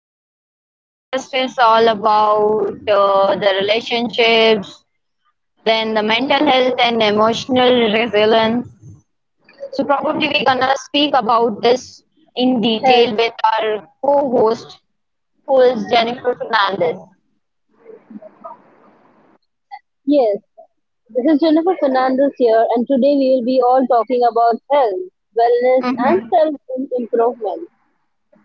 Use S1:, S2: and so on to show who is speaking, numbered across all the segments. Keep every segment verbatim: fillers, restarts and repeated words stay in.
S1: So, the podcast is all about uh, the relationships, then the mental health and emotional resilience. So, probably we're gonna speak about this in
S2: Health,
S1: detail with our co host, who is Jennifer Fernandez.
S2: yes. This is Jennifer Fernandez here, and today we will be all talking about health, wellness, and
S1: Mm-hmm.
S2: self improvement.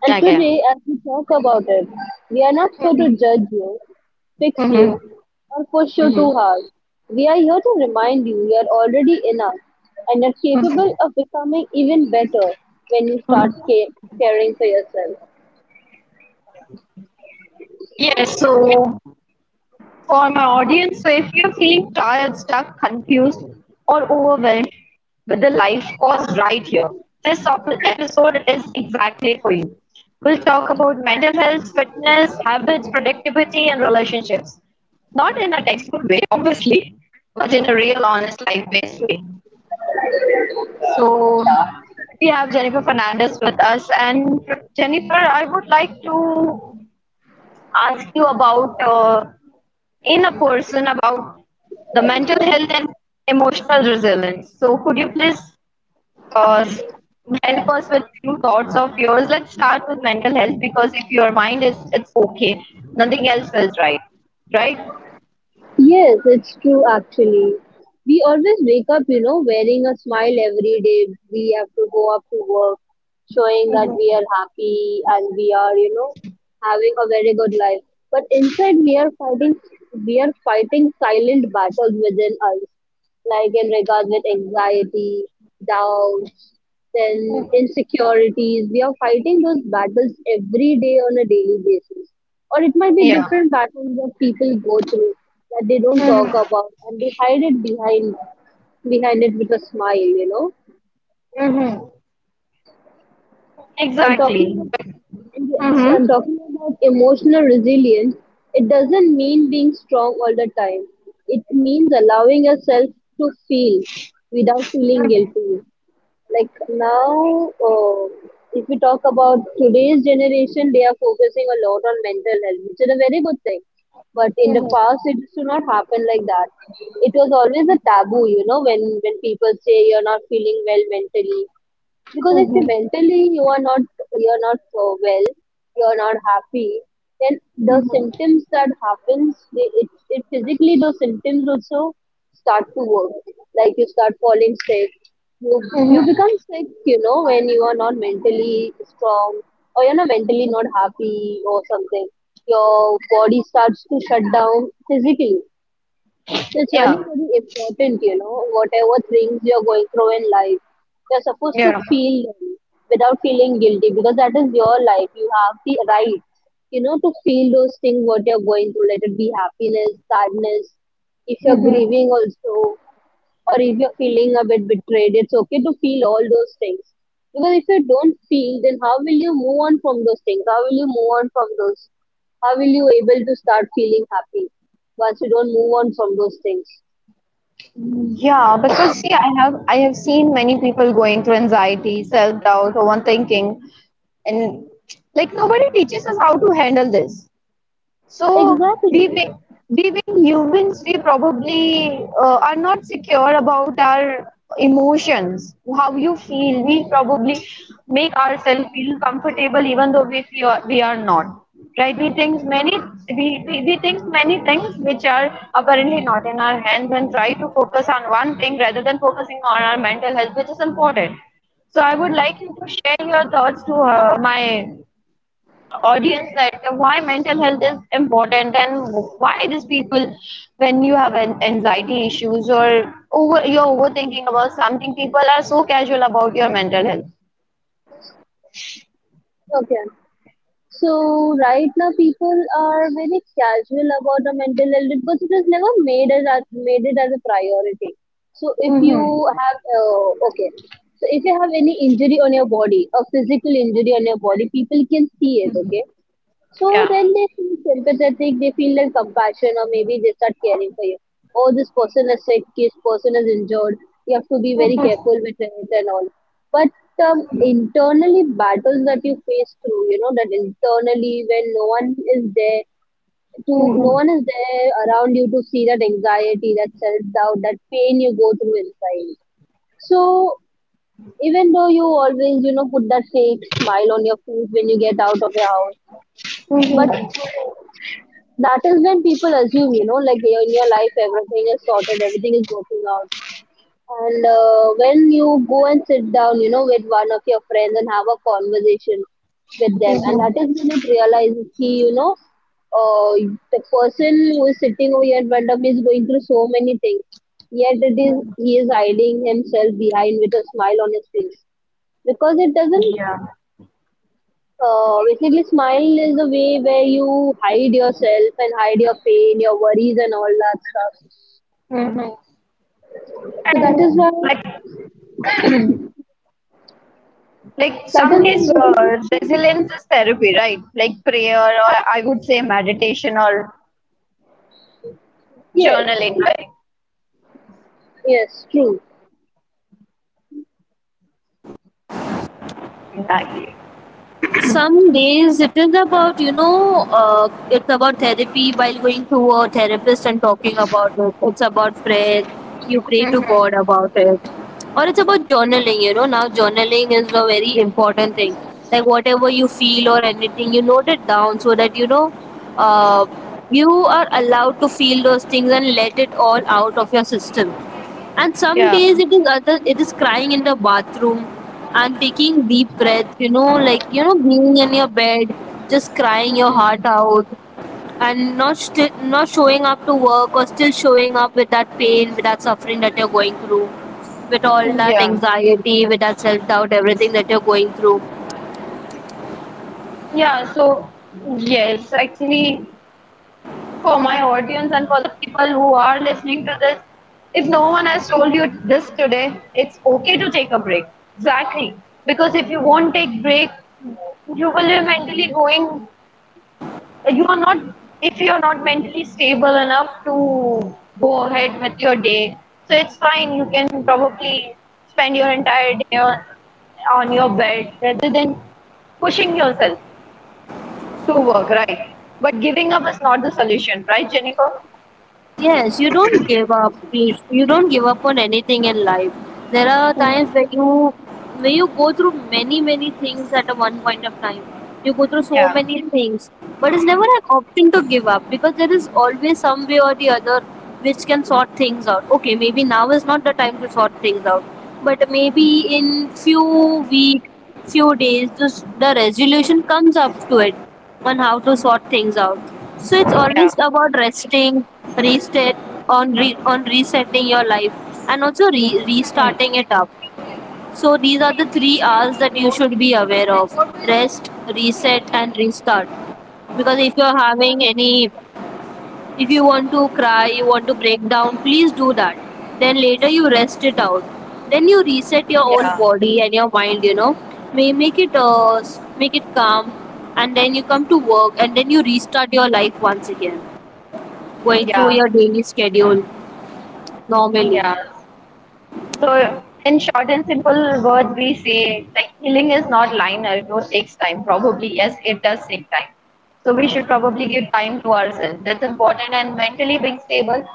S2: And
S1: Okay.
S2: today, as we talk about it, we are not here to judge you, fix
S1: Mm-hmm.
S2: you, or push you
S1: Mm-hmm.
S2: too
S1: Mm-hmm.
S2: hard. We are here to remind you you are already enough and are capable of becoming even better when you start ca- caring for yourself.
S1: Yes, so for my audience, so if you're feeling tired, stuck, confused, or overwhelmed with the life, course right here. This episode is exactly for you. We'll talk about mental health, fitness, habits, productivity, and relationships. Not in a textbook way, obviously, but in a real, honest, life based way. So, we have Jennifer Fernandez with us. And Jennifer, I would like to ask you about uh, in a person about the mental health and emotional resilience. So could you please uh, help us with few thoughts of yours? Let's start with mental health because if your mind is it's okay, nothing else feels right, right?
S2: Yes, it's true actually. We always wake up, you know, wearing a smile every day. We have to go up to work, showing that we
S1: Hmm.
S2: are happy and we are, you know, having a very good life. But inside we are fighting we are fighting silent battles within us, like in regards with anxiety, doubts, then insecurities. We are fighting those battles every day on a daily basis. Or it might be
S1: Yeah.
S2: different battles that people go through that they don't talk about, and they hide it behind behind it with a smile, you know.
S1: Mm-hmm.
S2: And
S1: Exactly.
S2: talking about and yes,
S1: Mm-hmm.
S2: I'm talking about emotional resilience. It doesn't mean being strong all the time. It means allowing yourself to feel without feeling guilty. Like now uh, If we talk about today's generation, they are focusing a lot on mental health, which is a very good thing, but in the past it used to not happen like that. It was always a taboo, you know, when when people say you're not feeling well mentally. Because if you mentally you are not, you're not uh, well, you're not happy, then the symptoms that happens, they, it, it physically, those symptoms also start to work. Like you start falling sick, you you become sick, you know, when you are not mentally strong, or you're not mentally not happy or something, your body starts to shut down physically. So it's really
S1: Yeah.
S2: very important, you know, whatever things you're going through in life, you're supposed to
S1: Yeah.
S2: feel them without feeling guilty, because that is your life. You have the right, you know, to feel those things what you're going through, let it be happiness, sadness, if you're grieving also, or if you're feeling a bit betrayed, it's okay to feel all those things. Because if you don't feel, then how will you move on from those things? How will you move on from those? How will you able to start feeling happy once you don't move on from those things?
S1: Yeah, because see, I have I have seen many people going through anxiety, self-doubt, overthinking, and like nobody teaches us how to handle this. So we
S2: Exactly.
S1: wi- we being humans, we probably uh, are not secure about our emotions, how you feel. We probably make ourselves feel comfortable even though we feel we are not. Right? We think many we, we, we think many things which are apparently not in our hands and try to focus on one thing rather than focusing on our mental health, which is important. So I would like you to share your thoughts to uh, my audience that why mental health is important and why these people when you have an anxiety issues or over you're overthinking about something people are so casual about your mental health.
S2: Okay. So right now people are very casual about the mental health because it was never made as a- made it as a priority. So if you
S1: Mm-hmm.
S2: have uh, okay, so if you have any injury on your body, a physical injury on your body, people can see it. Okay, so
S1: Yeah.
S2: then they feel sympathetic, they feel like compassion, or maybe they start caring for you. Oh, this person is sick, this person is injured, you have to be very careful with it and all. But um, internally, battles that you face through, you know, that internally when no one is there to, no one is there around you to see that anxiety, that self doubt, that pain you go through inside. So even though you always, you know, put that fake smile on your face when you get out of your house, but that is when people assume, you know, like you're in your life everything is sorted, everything is working out, and uh, when you go and sit down, you know, with one of your friends and have a conversation with them,
S1: Yeah.
S2: and that is when it realizes he, you know, uh, the person who is sitting over here in front of me is going through so many things, yet it is he is hiding himself behind with a smile on his face, because it doesn't uh, basically, smile is a way where you hide yourself and hide your pain, your worries, and all that stuff.
S1: Hmm.
S2: So that is
S1: And
S2: why,
S1: like like
S2: that
S1: some
S2: is
S1: days
S2: why it is
S1: uh, resilience is therapy, right, like prayer or I would say meditation or
S2: yes,
S1: journaling, right?
S2: yes, true.
S1: Exactly.
S2: Some days it is about, you know, uh, it's about therapy, while going to a therapist and talking about it, it's about prayer, you pray to
S1: Hmm.
S2: god about it, or it's about journaling. You know, now journaling is a very important thing, like whatever you feel or anything, you note it down so that you know, uh, you are allowed to feel those things and let it all out of your system. And some
S1: Yeah.
S2: days it is other, it is crying in the bathroom and taking deep breaths, you know, like, you know, being in your bed, just crying your heart out, and not still not showing up to work, or still showing up with that pain, with that suffering that you're going through, with all that
S1: Yeah.
S2: anxiety, with that self doubt, everything that you're going through.
S1: Yeah, so yes, actually, for my audience and for the people who are listening to this, if no one has told you this today, it's okay to take a break. Exactly. Because if you won't take break, you will be mentally going, you are not, if you are not mentally stable enough to go ahead with your day. So it's fine. You can probably spend your entire day on on your bed rather than pushing yourself to work, right? But giving up is not the solution, right, Jennifer?
S2: Yes, you don't give up. You you don't give up on anything in life. There are times
S1: Mhm.
S2: where you where you go through many many things at a one point of time. You go through so
S1: Yeah,
S2: many things, but it's never an option to give up, because there is always some way or the other which can sort things out. Okay, maybe now is not the time to sort things out, but maybe in few week few days, this, the resolution comes up to it on how to sort things out. So it's
S1: yeah.
S2: always about resting, reset on re- on resetting your life, and also re-
S1: Mm.
S2: restarting it up. So these are the three r's that you should be aware of: rest, reset, and restart. Because if you're having any, if you want to cry, you want to break down, please do that. Then later you rest it out. Then you reset your whole
S1: Yeah,
S2: body and your mind. You know, may make it uh, s- make it calm, and then you come to work, and then you restart your life once again, going through
S1: yeah,
S2: your daily schedule normally.
S1: yeah. So, in short and simple words, we say like healing is not linear, it will- takes time. Probably, yes, it does take time. So, we should probably give time to ourselves. That's important, and mentally being stable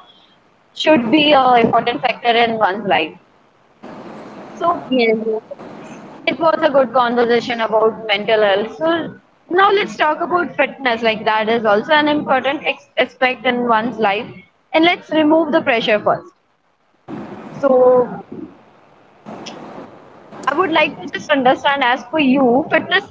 S1: should be a important factor in one's life. So,
S2: Yes.
S1: it was a good conversation about mental health. So now let's talk about fitness. Like that is also an important ex- aspect in one's life. And let's remove the pressure first. So I would like to just understand as for you, fitness,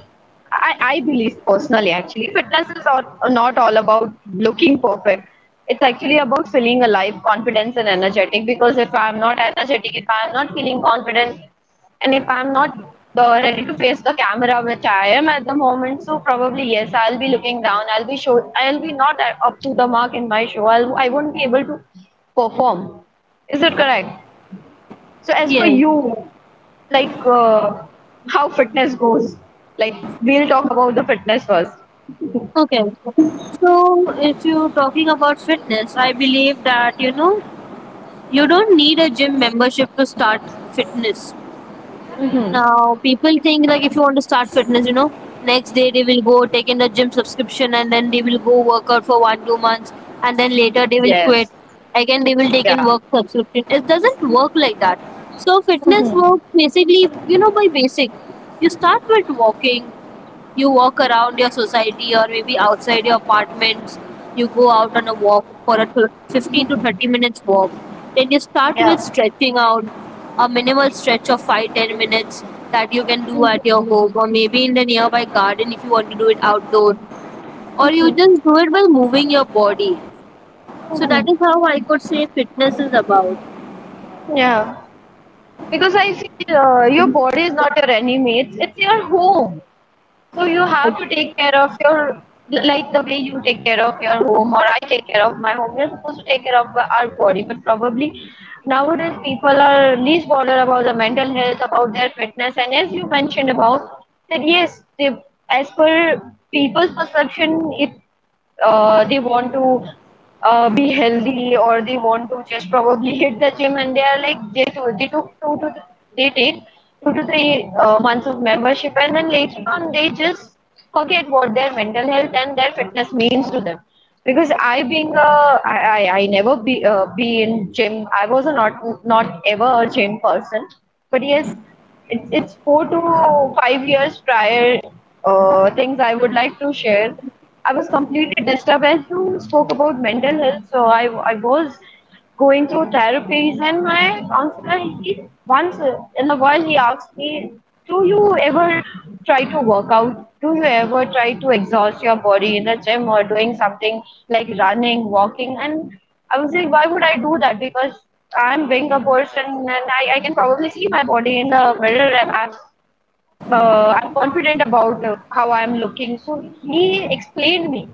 S1: I, I believe personally actually, fitness is all, not all about looking perfect. It's actually about feeling alive, confidence, and energetic. Because if I'm not energetic, if I'm not feeling confident, and if I'm not the, ready to face the camera, which I am at the moment, so probably yes, I'll be looking down. I'll be show. I'll be not up to the mark in my show. I'll, I won't be able to perform. Is it correct? So as for
S2: Yes.
S1: you, like uh, how fitness goes, like we'll talk about the fitness first.
S2: Okay. So if you're talking about fitness, I believe that, you know, you don't need a gym membership to start fitness.
S1: Mm-hmm.
S2: Now, people think like if you want to start fitness, you know, next day they will go take in a gym subscription, and then they will go work out for one, two months, and then later they will quit.
S1: Yes.
S2: Again, they will take
S1: Yeah.
S2: in work subscription. It doesn't work like that. So fitness
S1: Mm-hmm.
S2: works basically, you know, by basic. You start with walking, you walk around your society or maybe outside your apartments. You go out on a walk for a thir fifteen to thirty minutes walk. Then you start
S1: Yeah.
S2: with stretching out, a minimal stretch of five ten minutes that you can do at
S1: Mm-hmm.
S2: your home, or maybe in the nearby garden if you want to do it outdoor. Or you
S1: Mm-hmm.
S2: just do it by moving your body. So that is how I could say fitness is about.
S1: Yeah. Because I feel uh, your body is not your enemy. It's it's your home. So you have to take care of your like the way you take care of your home or I take care of my home. We're supposed to take care of our body, but probably nowadays people are least bothered about the mental health, about their fitness, and as you mentioned about that, yes, they, as per people's perception, it uh, they want to uh, be healthy or they want to just probably hit the gym and they are like they do they took two to they take two to three uh, months of membership and then later on they just forget what their mental health and their fitness means to them because I being a I I, I never be uh, be in gym. I was a not not ever a gym person, but yes it's it's four to five years prior uh, things I would like to share. I was completely disturbed, and you spoke about mental health. So I, I was going through therapies, and my counselor he, once in a while he asked me, "Do you ever try to work out? Do you ever try to exhaust your body in a gym or doing something like running, walking?" And I was like, "Why would I do that? Because I'm being a person, and I, I can probably see my body in the mirror, and I'm uh, I'm confident about uh, how I'm looking." So he explained me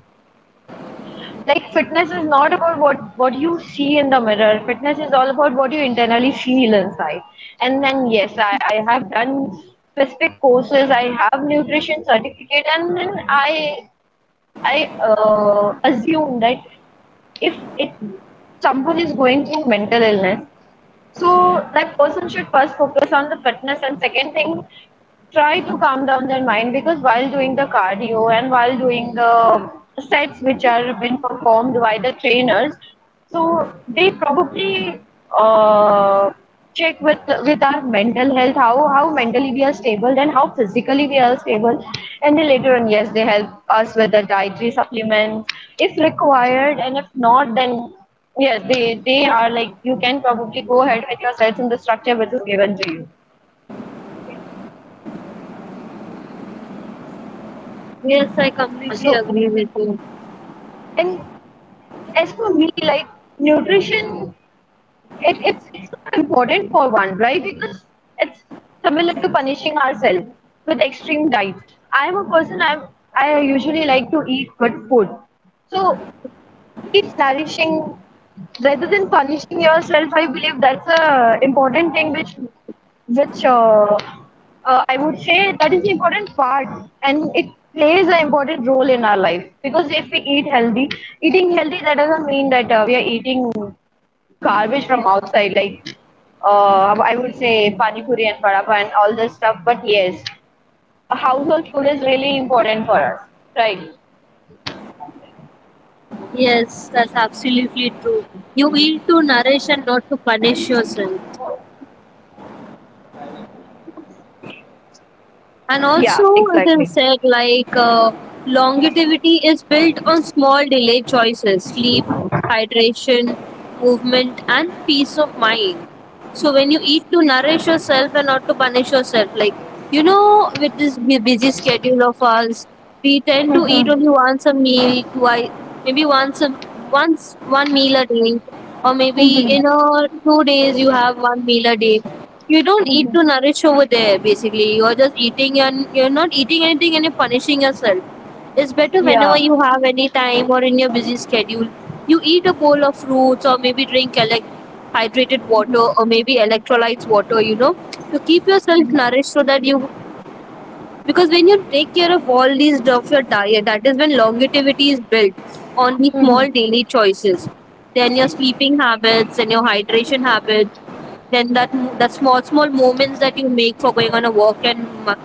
S1: like fitness is not about what what you see in the mirror. Fitness is all about what you internally feel inside. And then yes, I, I have done specific courses. I have nutrition certificate, and then I I uh, assume that if it someone is going through mental illness so that person should first focus on the fitness and second thing, try to calm down their mind because while doing the cardio and while doing the sets which are been performed by the trainers, so they probably uh, check with with our mental health, how how mentally we are stable and how physically we are stable, and then later on, yes, they help us with the dietary supplements if required, and if not, then yes, they they are like you can probably go ahead with your sets in the structure which is given to you.
S2: Yes, I completely
S1: So,
S2: agree with you.
S1: and as for me, like nutrition, it, it's it's not important for one, right? Because it's similar to punishing ourselves with extreme diets. I am a person. I'm I usually like to eat good food. So keep nourishing rather than punishing yourself. I believe that's a important thing which which uh, uh, I would say that is the important part and it plays an important role in our life because if we eat healthy, eating healthy that doesn't mean that uh, we are eating garbage from outside like uh, I would say pani puri and vada pav and all this stuff. But yes, a household food is really important for us, right?
S2: Yes, that's absolutely true. You eat to nourish and not to punish yourself. And
S1: Yeah,
S2: also, it
S1: exactly.
S2: is said like, uh, longevity is built on small daily choices: sleep, hydration, movement, and peace of mind. So when you eat to nourish yourself and not to punish yourself, like, you know, with this bu- busy schedule of ours, we tend to eat
S1: Mm-hmm.
S2: only once a meal, twice, maybe once a once one meal a day, or maybe in a two days you have one meal a day. You don't eat to
S1: Mhm.
S2: nourish over there. Basically, you're just eating, and you're not eating anything, and you're punishing yourself. It's better whenever
S1: Yeah.
S2: you have any time or in your busy schedule, you eat a bowl of fruits or maybe drink a elec- hydrated water, or maybe electrolytes water, you know, to keep yourself nourished, so that you, because when you take care of all these of your diet, that is when longevity is built on these small
S1: Mhm.
S2: daily choices. Then your sleeping habits and your hydration habits, then that that small small moments that you make for going on a walk, and m-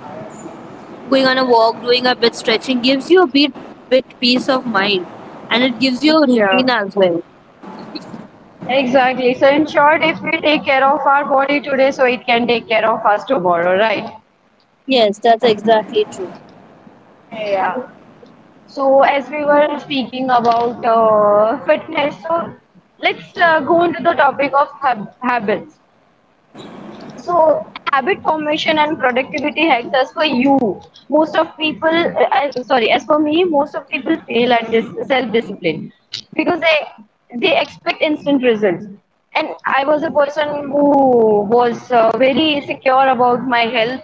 S2: going on a walk, doing a bit stretching, gives you a bit bit peace of mind, and it gives you a routine
S1: Yeah.
S2: as well.
S1: Exactly. So, in short, if we take care of our body today, so it can take care of us tomorrow, right?
S2: Yes, that's exactly true.
S1: Yeah. So, as we were speaking about uh, fitness, so let's uh, go into the topic of habits. So habit formation and productivity hacks as for you most of people uh, I, sorry as for me most of people fail at this self discipline because they they expect instant results, and I was a person who was uh, very secure about my health,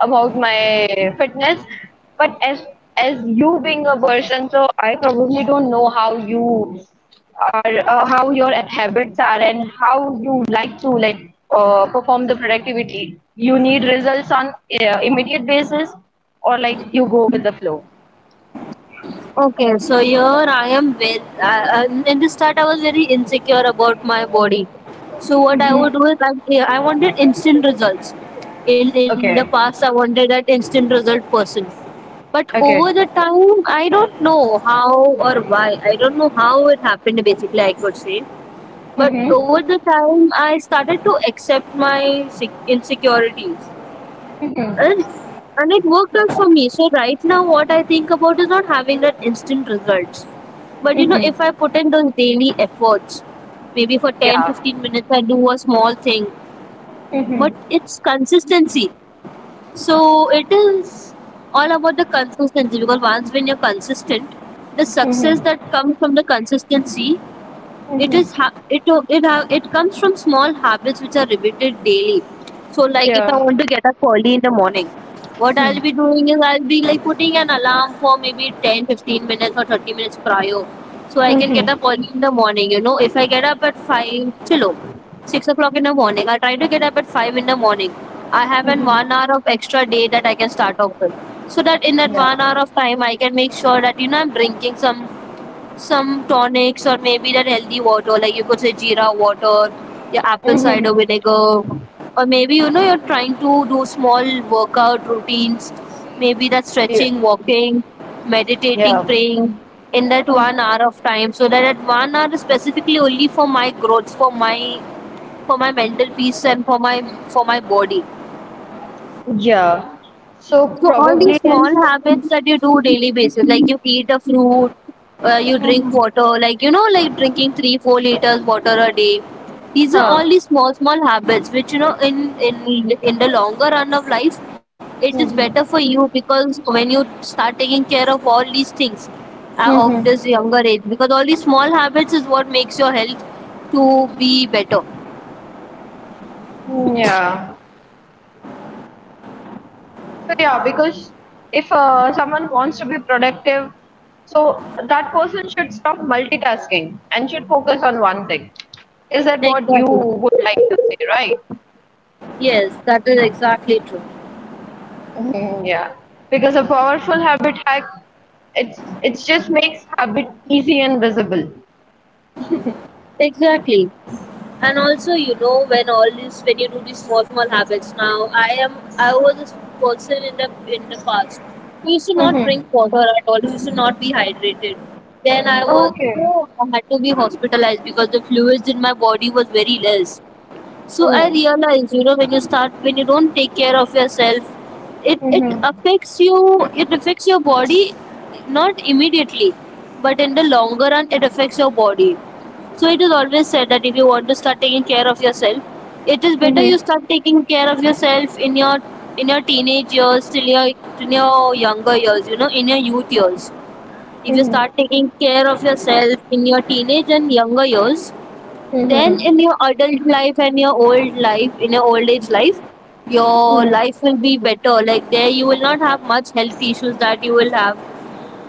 S1: about my fitness, but as as you being a person so I probably don't know how you are uh, how your habits are and how you like to like uh, perform the productivity. You need results on uh, immediate basis or like you go with the flow.
S2: Okay, so here I am very. Uh, uh, in the start, I was very insecure about my body. So what I would
S1: Mm-hmm.
S2: do is, like, yeah, I wanted instant results. In in the
S1: Okay.
S2: past, I wanted that instant result person. But over
S1: Okay.
S2: the time, I don't know how or why. I don't know how it happened. Basically, I could say. But
S1: Mm-hmm.
S2: over the time, I started to accept my sec- insecurities
S1: Mm-hmm.
S2: and and it worked out for me. So right now, what I think about is not having that instant results, but you know if
S1: Mm-hmm.
S2: I put in those daily efforts, maybe for ten
S1: Yeah.
S2: fifteen minutes I do a small thing, but
S1: Mm-hmm.
S2: it's consistency. So it is all about the consistency, because once when you're consistent, the success
S1: Mm-hmm.
S2: that comes from the consistency, it
S1: Mm-hmm.
S2: is ha- it it ha- it comes from small habits which are repeated daily. So, like, if I
S1: Yeah.
S2: want to get up early in the morning, what I'll
S1: Mm-hmm.
S2: be doing is I'll be like putting an alarm for maybe ten, fifteen minutes or thirty minutes prior so I can get
S1: Hmm.
S2: up early in the morning. You know if I get up at five chilo six o'clock in the morning, I try to get up at five in the morning. I have an
S1: Mm-hmm.
S2: one hour of extra day that I can start off with, so that in that
S1: Yeah.
S2: one hour of time I can make sure that, you know, I'm drinking some some tonics, or maybe that healthy water, like, you could say, jeera water, your apple cider
S1: Mm-hmm.
S2: vinegar, or maybe, you know, you're trying to do small workout routines, maybe that
S1: Yeah.
S2: stretching, walking, meditating,
S1: Yeah.
S2: praying in that one
S1: Mm,
S2: hour of time, so that at one hour is specifically only for my growth, for my for my mental peace, and for my for my body.
S1: yeah. So
S2: So all these
S1: probably that's
S2: small habits that you do daily basis, like, you eat a fruit, uh, you drink
S1: Mhm.
S2: water, like, you know, like, drinking three, four liters water a day. These are all
S1: Huh.
S2: these small, small habits which, you know, in in in the longer run of life, it is better for
S1: Mhm.
S2: you, because when you start taking care of all these things uh, of this
S1: Mhm.
S2: younger age, because all these small habits is what makes your health to be better.
S1: Mm, yeah. So yeah, because if uh, someone wants to be productive, so that person should stop multitasking and should focus on one thing. Is that what you
S2: Exactly.
S1: would like to say, right?
S2: Yes, that is exactly true.
S1: Mhm, yeah. Because a powerful habit hack, it's it just makes habit easy and visible.
S2: Exactly. And also, you know, when all this, when you do these small small habits now, i am I was this person in the in the past, who used to not
S1: Mhm.
S2: drink water at all, who used to not be hydrated. Then I was, you
S1: Okay.
S2: know, I had to be hospitalized because the fluids in my body was very less. So I
S1: Oh.
S2: realize, you know, when you start, when you don't take care of yourself, it it
S1: Mhm.
S2: affects you. It affects your body, not immediately, but in the longer run, it affects your body. So it is always said that if you want to start taking care of yourself, it is better you
S1: Mhm.
S2: start taking care of yourself in your in your teenage years, till your in your younger years, you know, in your youth years. If you
S1: Mhm.
S2: start taking care of yourself in your teenage and younger years, then
S1: Mhm.
S2: in your adult life and your old life in your old age life, your
S1: Mhm.
S2: life will be better, like, there you will not have much health issues that you will have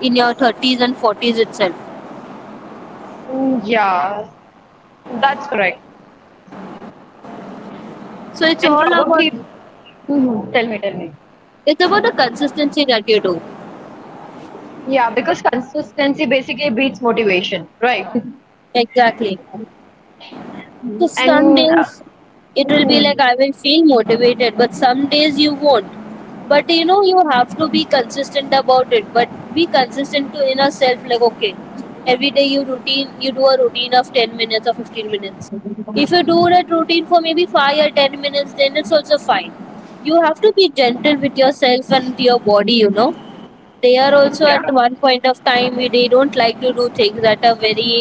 S2: in your thirties and forties itself.
S1: Yeah, that's correct.
S2: So it's
S1: And
S2: all
S1: probably,
S2: about,
S1: Mhm, tell me, tell me.
S2: it's about the consistency that you do.
S1: Yeah, because consistency basically beats motivation, right?
S2: Exactly. So some
S1: And uh,
S2: days it will be like
S1: Mhm.
S2: I will feel motivated, but some days you won't. But, you know, you have to be consistent about it. But be consistent to inner self, like, okay, every day you routine, you do a routine of ten minutes or fifteen minutes. If you do that routine for maybe five or ten minutes, then it's also fine. You have to be gentle with yourself and your body. You know, they are also at
S1: Yeah.
S2: one point of time they don't like to do things at a very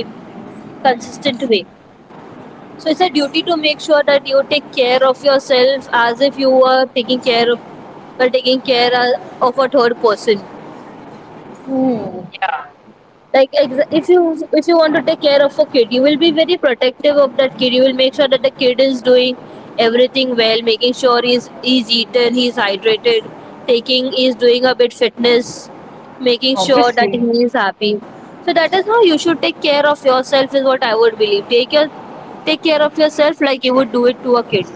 S2: consistent way. So it's a duty to make sure that you take care of yourself as if you were taking care of, or taking care uh, of a third person.
S1: Mhm. Yeah,
S2: Like, ex- if you if you want to take care of a kid, you will be very protective of that kid. You will make sure that the kid is doing everything well, making sure he's he's eaten, he's hydrated, taking he's doing a bit fitness, making sure that he
S1: obviously.
S2: is happy. So that is how you should take care of yourself is what I would believe. Take your take care of yourself like you would do it to a kid.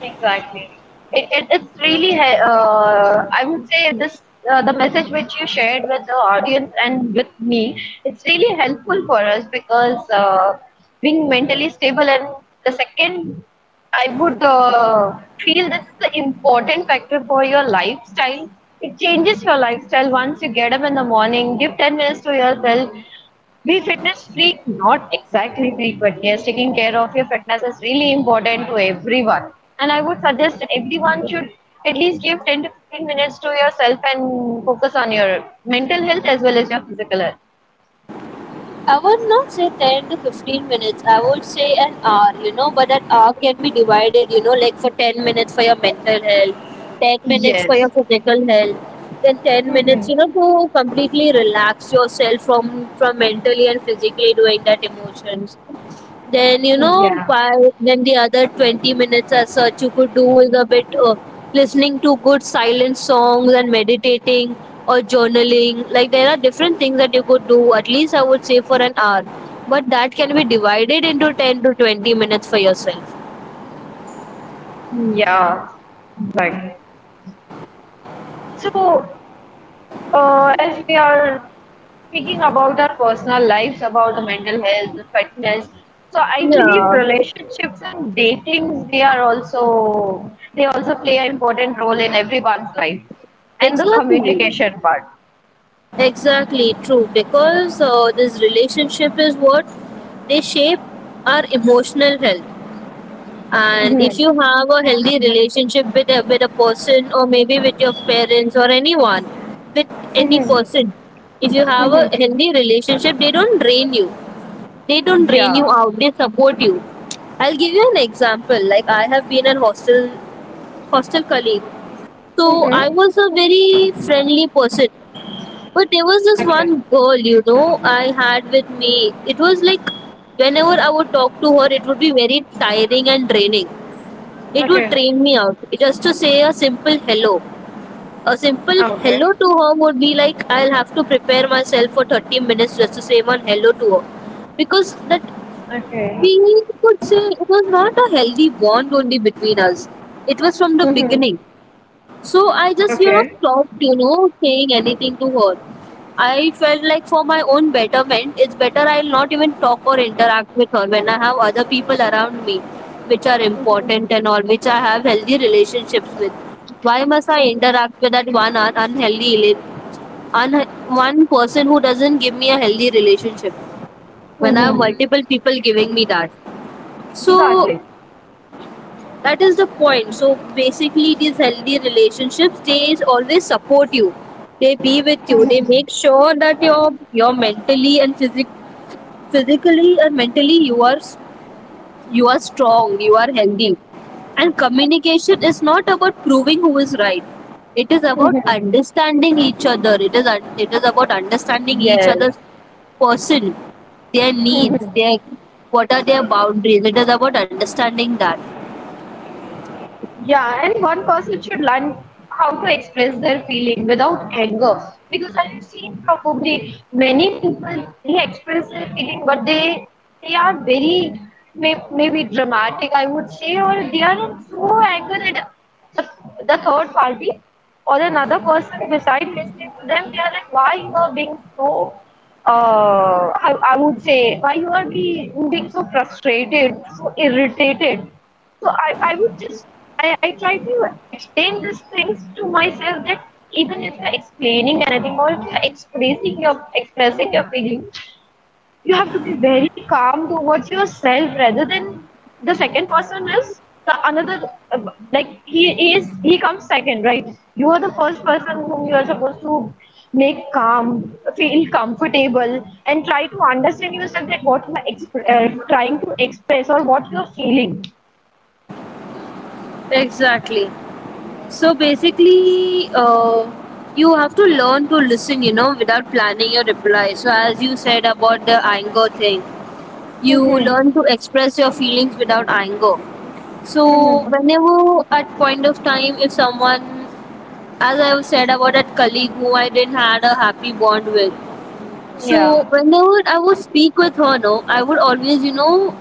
S1: Exactly. It, it, it's really, he- uh, I would say this, uh, the message which you shared with the audience and with me, it's really helpful for us because uh, being mentally stable and the second, I would uh, feel this is the important factor for your lifestyle. It changes your lifestyle once you get up in the morning, give ten minutes to yourself, be fitness freak, not exactly freak, but yes, taking care of your fitness is really important to everyone. And I would suggest everyone should at least give ten to fifteen minutes to yourself and focus on your mental health as well as your physical health.
S2: I would not say ten to fifteen minutes. I would say an hour, you know, but an hour can be divided, you know, like, for ten minutes for your mental health, ten minutes for your
S1: Yes.
S2: physical health, then ten minutes, you know, to completely relax yourself from, from mentally and physically doing that emotions. Then you know,
S1: Yeah.
S2: by then the other twenty minutes as such you could do is a bit uh, listening to good silent songs and meditating or journaling. Like, there are different things that you could do. At least I would say for an hour, but that can be divided into ten to twenty minutes for yourself.
S1: Yeah. Right. So Uh, as we are speaking about our personal lives, about the mental health, the fitness, so I believe
S2: Yeah,
S1: relationships and datings they are also they also play an important role in everyone's life, and the
S2: exactly.
S1: communication part.
S2: Exactly true, because uh, this relationship is what they shape our emotional health. And if you have a healthy relationship with a, with a person, or maybe with your parents, or anyone, with any person, if you have a healthy relationship, they don't drain you, they don't drain
S1: Yeah.
S2: you out, they support you. I'll give you an example, like, I have been a hostel hostel colleague. So I was a very friendly person, but there was this
S1: Okay.
S2: one girl, you know I had with me. It was like whenever I would talk to her, it would be very tiring and draining, it would
S1: Okay.
S2: drain me out. Just to say a simple hello. A simple hello
S1: Okay.
S2: to her would be like I'll have to prepare myself for thirty minutes just to say one hello to her. Because that,
S1: Okay.
S2: we could say, it was not a healthy bond only between us. It was from the
S1: Mm-hmm.
S2: beginning. So I just, you know,
S1: Okay.
S2: stopped, you know, saying anything to her. I felt like for my own betterment, it's better I'll not even talk or interact with her when I have other people around me, which are important and all, which I have healthy relationships with. Why must I interact with that one un- unhealthy, rela- un- one person who doesn't give me a healthy relationship when I have
S1: Mm-hmm.
S2: multiple people giving me that? So
S1: Exactly.
S2: that is the point. So basically, these healthy relationships, they always support you. They be with you. They make sure that you're you're mentally and physic physically and mentally you are s- you are strong. You are healthy. And communication is not about proving who is right. It is about understanding each other. It is un- it is about understanding each
S1: Yes.
S2: other's person, their needs, their, what are their boundaries. It is about understanding that.
S1: Yeah, and one person should learn how to express their feeling without anger. Because I have seen probably many people they express their feeling, but they they are very may, maybe dramatic, I would say, or they are in so angry that the, the third party or another person beside listening to them, they are like, why you are being so uh, I, I would say why you are being, being so frustrated, so irritated. So I, I would just I, I try to explain these things to myself that even if you're explaining anything or if you're expressing your expressing your feeling, you have to be very calm towards yourself rather than the second person is the another uh, like he is he comes second, right? You are the first person whom you are supposed to make calm, feel comfortable, and try to understand yourself that what you are exp- uh, trying to express or what you are feeling.
S2: Exactly. So basically, uh, you have to learn to listen, you know, without planning your reply. So, as you said about the anger thing, you
S1: Mm-hmm.
S2: learn to express your feelings without anger. So,
S1: Mhm.
S2: whenever at point of time, if someone, as I have said about that colleague who I didn't had a happy bond with, so
S1: Yeah.
S2: whenever I would speak with her, no, I would always, you know,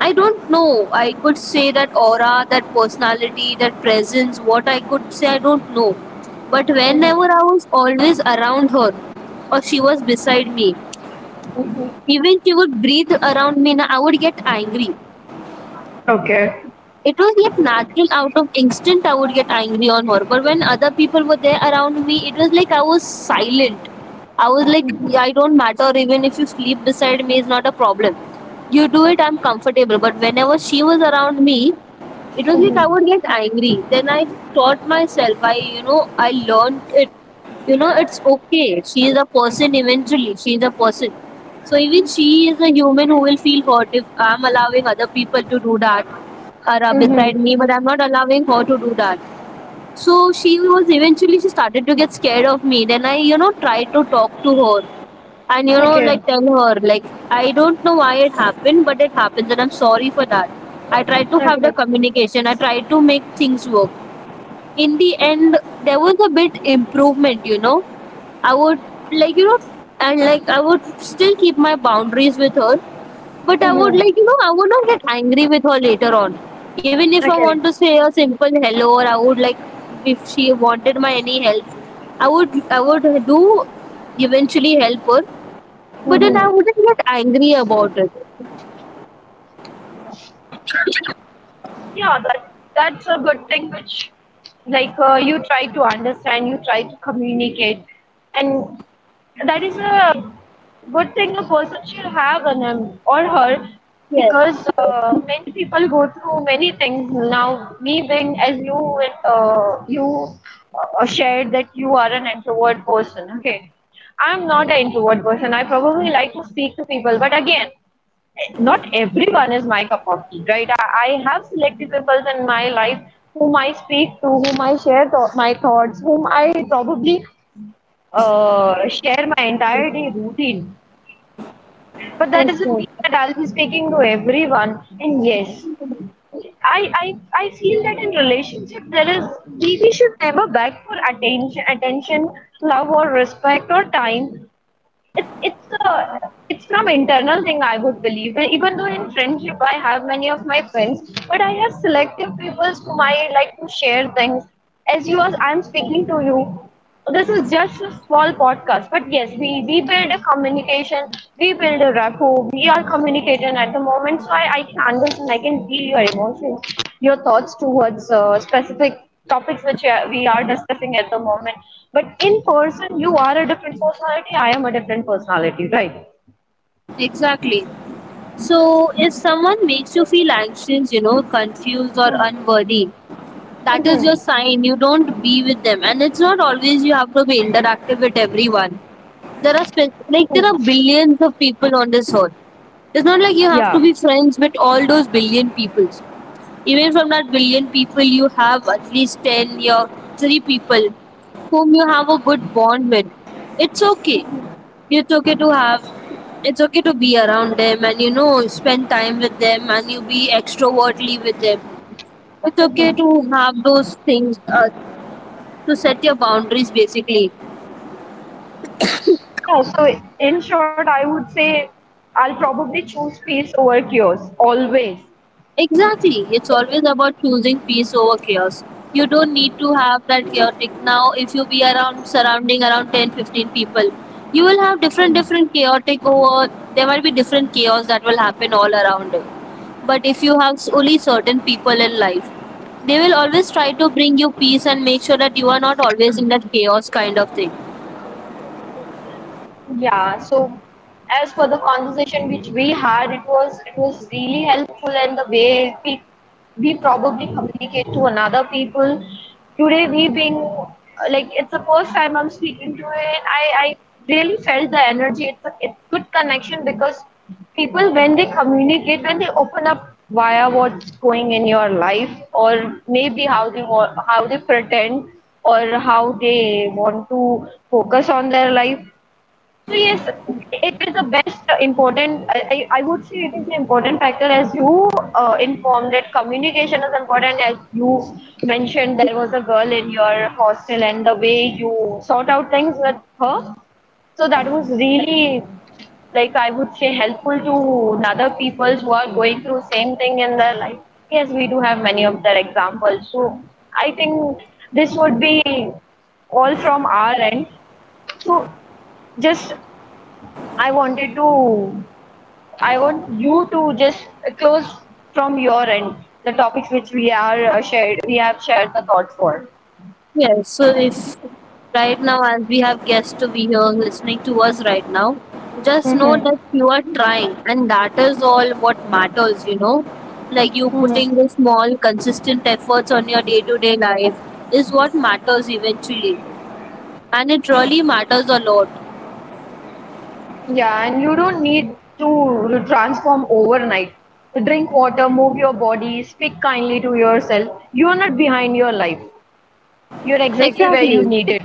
S2: I don't know. I could say that aura, that personality, that presence, what I could say, I don't know. But whenever
S1: Mhm.
S2: I was always around her, or she was beside me,
S1: Mhm.
S2: even she would breathe around me, na, I would get angry.
S1: Okay.
S2: It was like natural out of instinct, I would get angry on her. But when other people were there around me, it was like I was silent. I was like, "Yeah, I don't matter, even if you sleep beside me, it's not a problem. You do it, I'm comfortable. But whenever she was around me, it was like I would get angry. Then I taught myself. I, you know, I learned it. You know, it's okay. She is a person eventually. She is a person. So even she is a human who will feel hurt if I'm allowing other people to do that, are uh, beside me, but I'm not allowing her to do that. So she was, eventually she started to get scared of me. Then I, you know, tried to talk to her, and you know,
S1: Okay.
S2: like, tell her, like, I don't know why it happened, but it happens, and I'm sorry for that. I tried to have the
S1: Okay.
S2: communication, I tried to make things work in the end. There was a bit improvement, you know I would, like you know and, like, I would still keep my boundaries with her, but I would,
S1: Mhm.
S2: like you know I would not get angry with her later on, even if I want
S1: Okay.
S2: to say a simple hello, or I would, like, if she wanted my any help, i would I would do, eventually help her, but then I wouldn't get angry about it.
S1: Yeah, that that's a good thing which, like uh, you try to understand, you try to communicate, and that is a good thing a person should have on him or her.
S2: Yes,
S1: Because uh, many people go through many things now. Me being, as you uh, you uh, shared that you are an introvert person. Okay, I'm not an introvert person. I probably like to speak to people, but again, not everyone is my cup of tea, right? I, I have selected people in my life whom I speak to, whom I share th- my thoughts, whom I probably uh, share my entire day routine. But that
S2: yes,
S1: doesn't
S2: yes.
S1: mean that I'll be speaking to everyone. And yes, I, I I feel that in relationship there is, we, we should never beg for attention attention, love, or respect, or time. It's it's a, it's from internal thing I would believe. And even though in friendship I have many of my friends, but I have selective people whom I like to share things. As you as I'm speaking to you, this is just a small podcast. But yes, we we build a communication, we build a rapport. We are communicating at the moment, so I I can understand, I can feel your emotions, your thoughts towards uh, specific topics which we are we are discussing at the moment. But in person, you are a different personality. I am a different personality, right?
S2: Exactly. So, if someone makes you feel anxious, you know, confused, or unworthy, that is your
S1: Mm-hmm.
S2: sign you don't be with them, and it's not always you have to be interactive with everyone. There are spe- like, there
S1: Mm-hmm.
S2: are billions of people on this earth. It's not like you have to
S1: Yeah.
S2: be friends with all those billion peoples. Even from that billion people, you have at least ten or three people whom you have a good bond with. It's okay. it's okay to have It's okay to be around them, and, you know spend time with them, and you be extrovertly with them. It's okay
S1: Mm-hmm.
S2: to have those things, uh, to set your boundaries basically.
S1: Yeah, so in short, I would say I'll probably choose peace over chaos always.
S2: Exactly. It's always about choosing peace over chaos. You don't need to have that chaotic. Now, if you be around, surrounding around ten fifteen people, you will have different different chaotic. Or there might be different chaos that will happen all around it. But if you have s- only certain people in life, they will always try to bring you peace and make sure that you are not always in that chaos kind of thing.
S1: Yeah, so as for the conversation which we had, it was, it was really helpful, and the way we we probably communicate to another people. Today we being, uh, like, it's the first time I'm speaking to it. I I really felt the energy. It's a, it's good connection because people when they communicate, when they open up via what's going in your life, or maybe how they wa- how they pretend or how they want to focus on their life. So yes, it is the best, uh, important. I, I I would say it is an important factor. As you uh, informed that communication is important. As you mentioned, there was a girl in your hostel, and the way you sort out things with her, so that was really, like I would say, helpful to other people who are going through same thing in their life. Yes, we do have many of their examples. So I think this would be all from our end. So just I wanted to, I want you to just close from your end the topics which we are uh, shared, we have shared the thought for.
S2: Yes, so if right now, as we have guests to be here listening to us right now, just know
S1: Mm-hmm.
S2: that you are trying, and that is all what matters, you know. Like, you putting the small, consistent efforts on your day to day life is what matters eventually, and it really matters a lot.
S1: Yeah, and you don't need to transform overnight. Drink water, move your body, speak kindly to yourself. You are not behind your life. You're exactly where you
S2: Exactly.
S1: need it.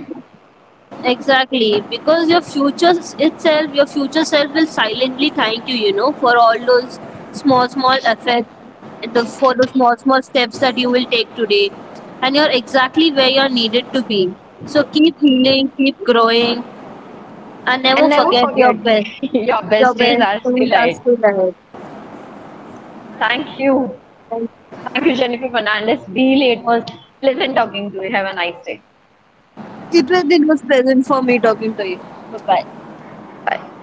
S2: Exactly, because your future s- itself, your future self will silently thank you, you know, for all those small, small efforts, the, for the small, small steps that you will take today. And you're exactly where you're needed to be. So keep healing, keep growing, and never
S1: And never
S2: forget your
S1: forget,
S2: best.
S1: your
S2: Your
S1: best days
S2: best
S1: are
S2: things
S1: still
S2: are
S1: ahead.
S2: still ahead.
S1: Thank you.
S2: Thank you.
S1: Thank you, Jennifer Fernandez. Really, it was pleasant talking to you. Have a nice day.
S2: It was, it was pleasant for me talking to you. Bye bye.
S1: Bye.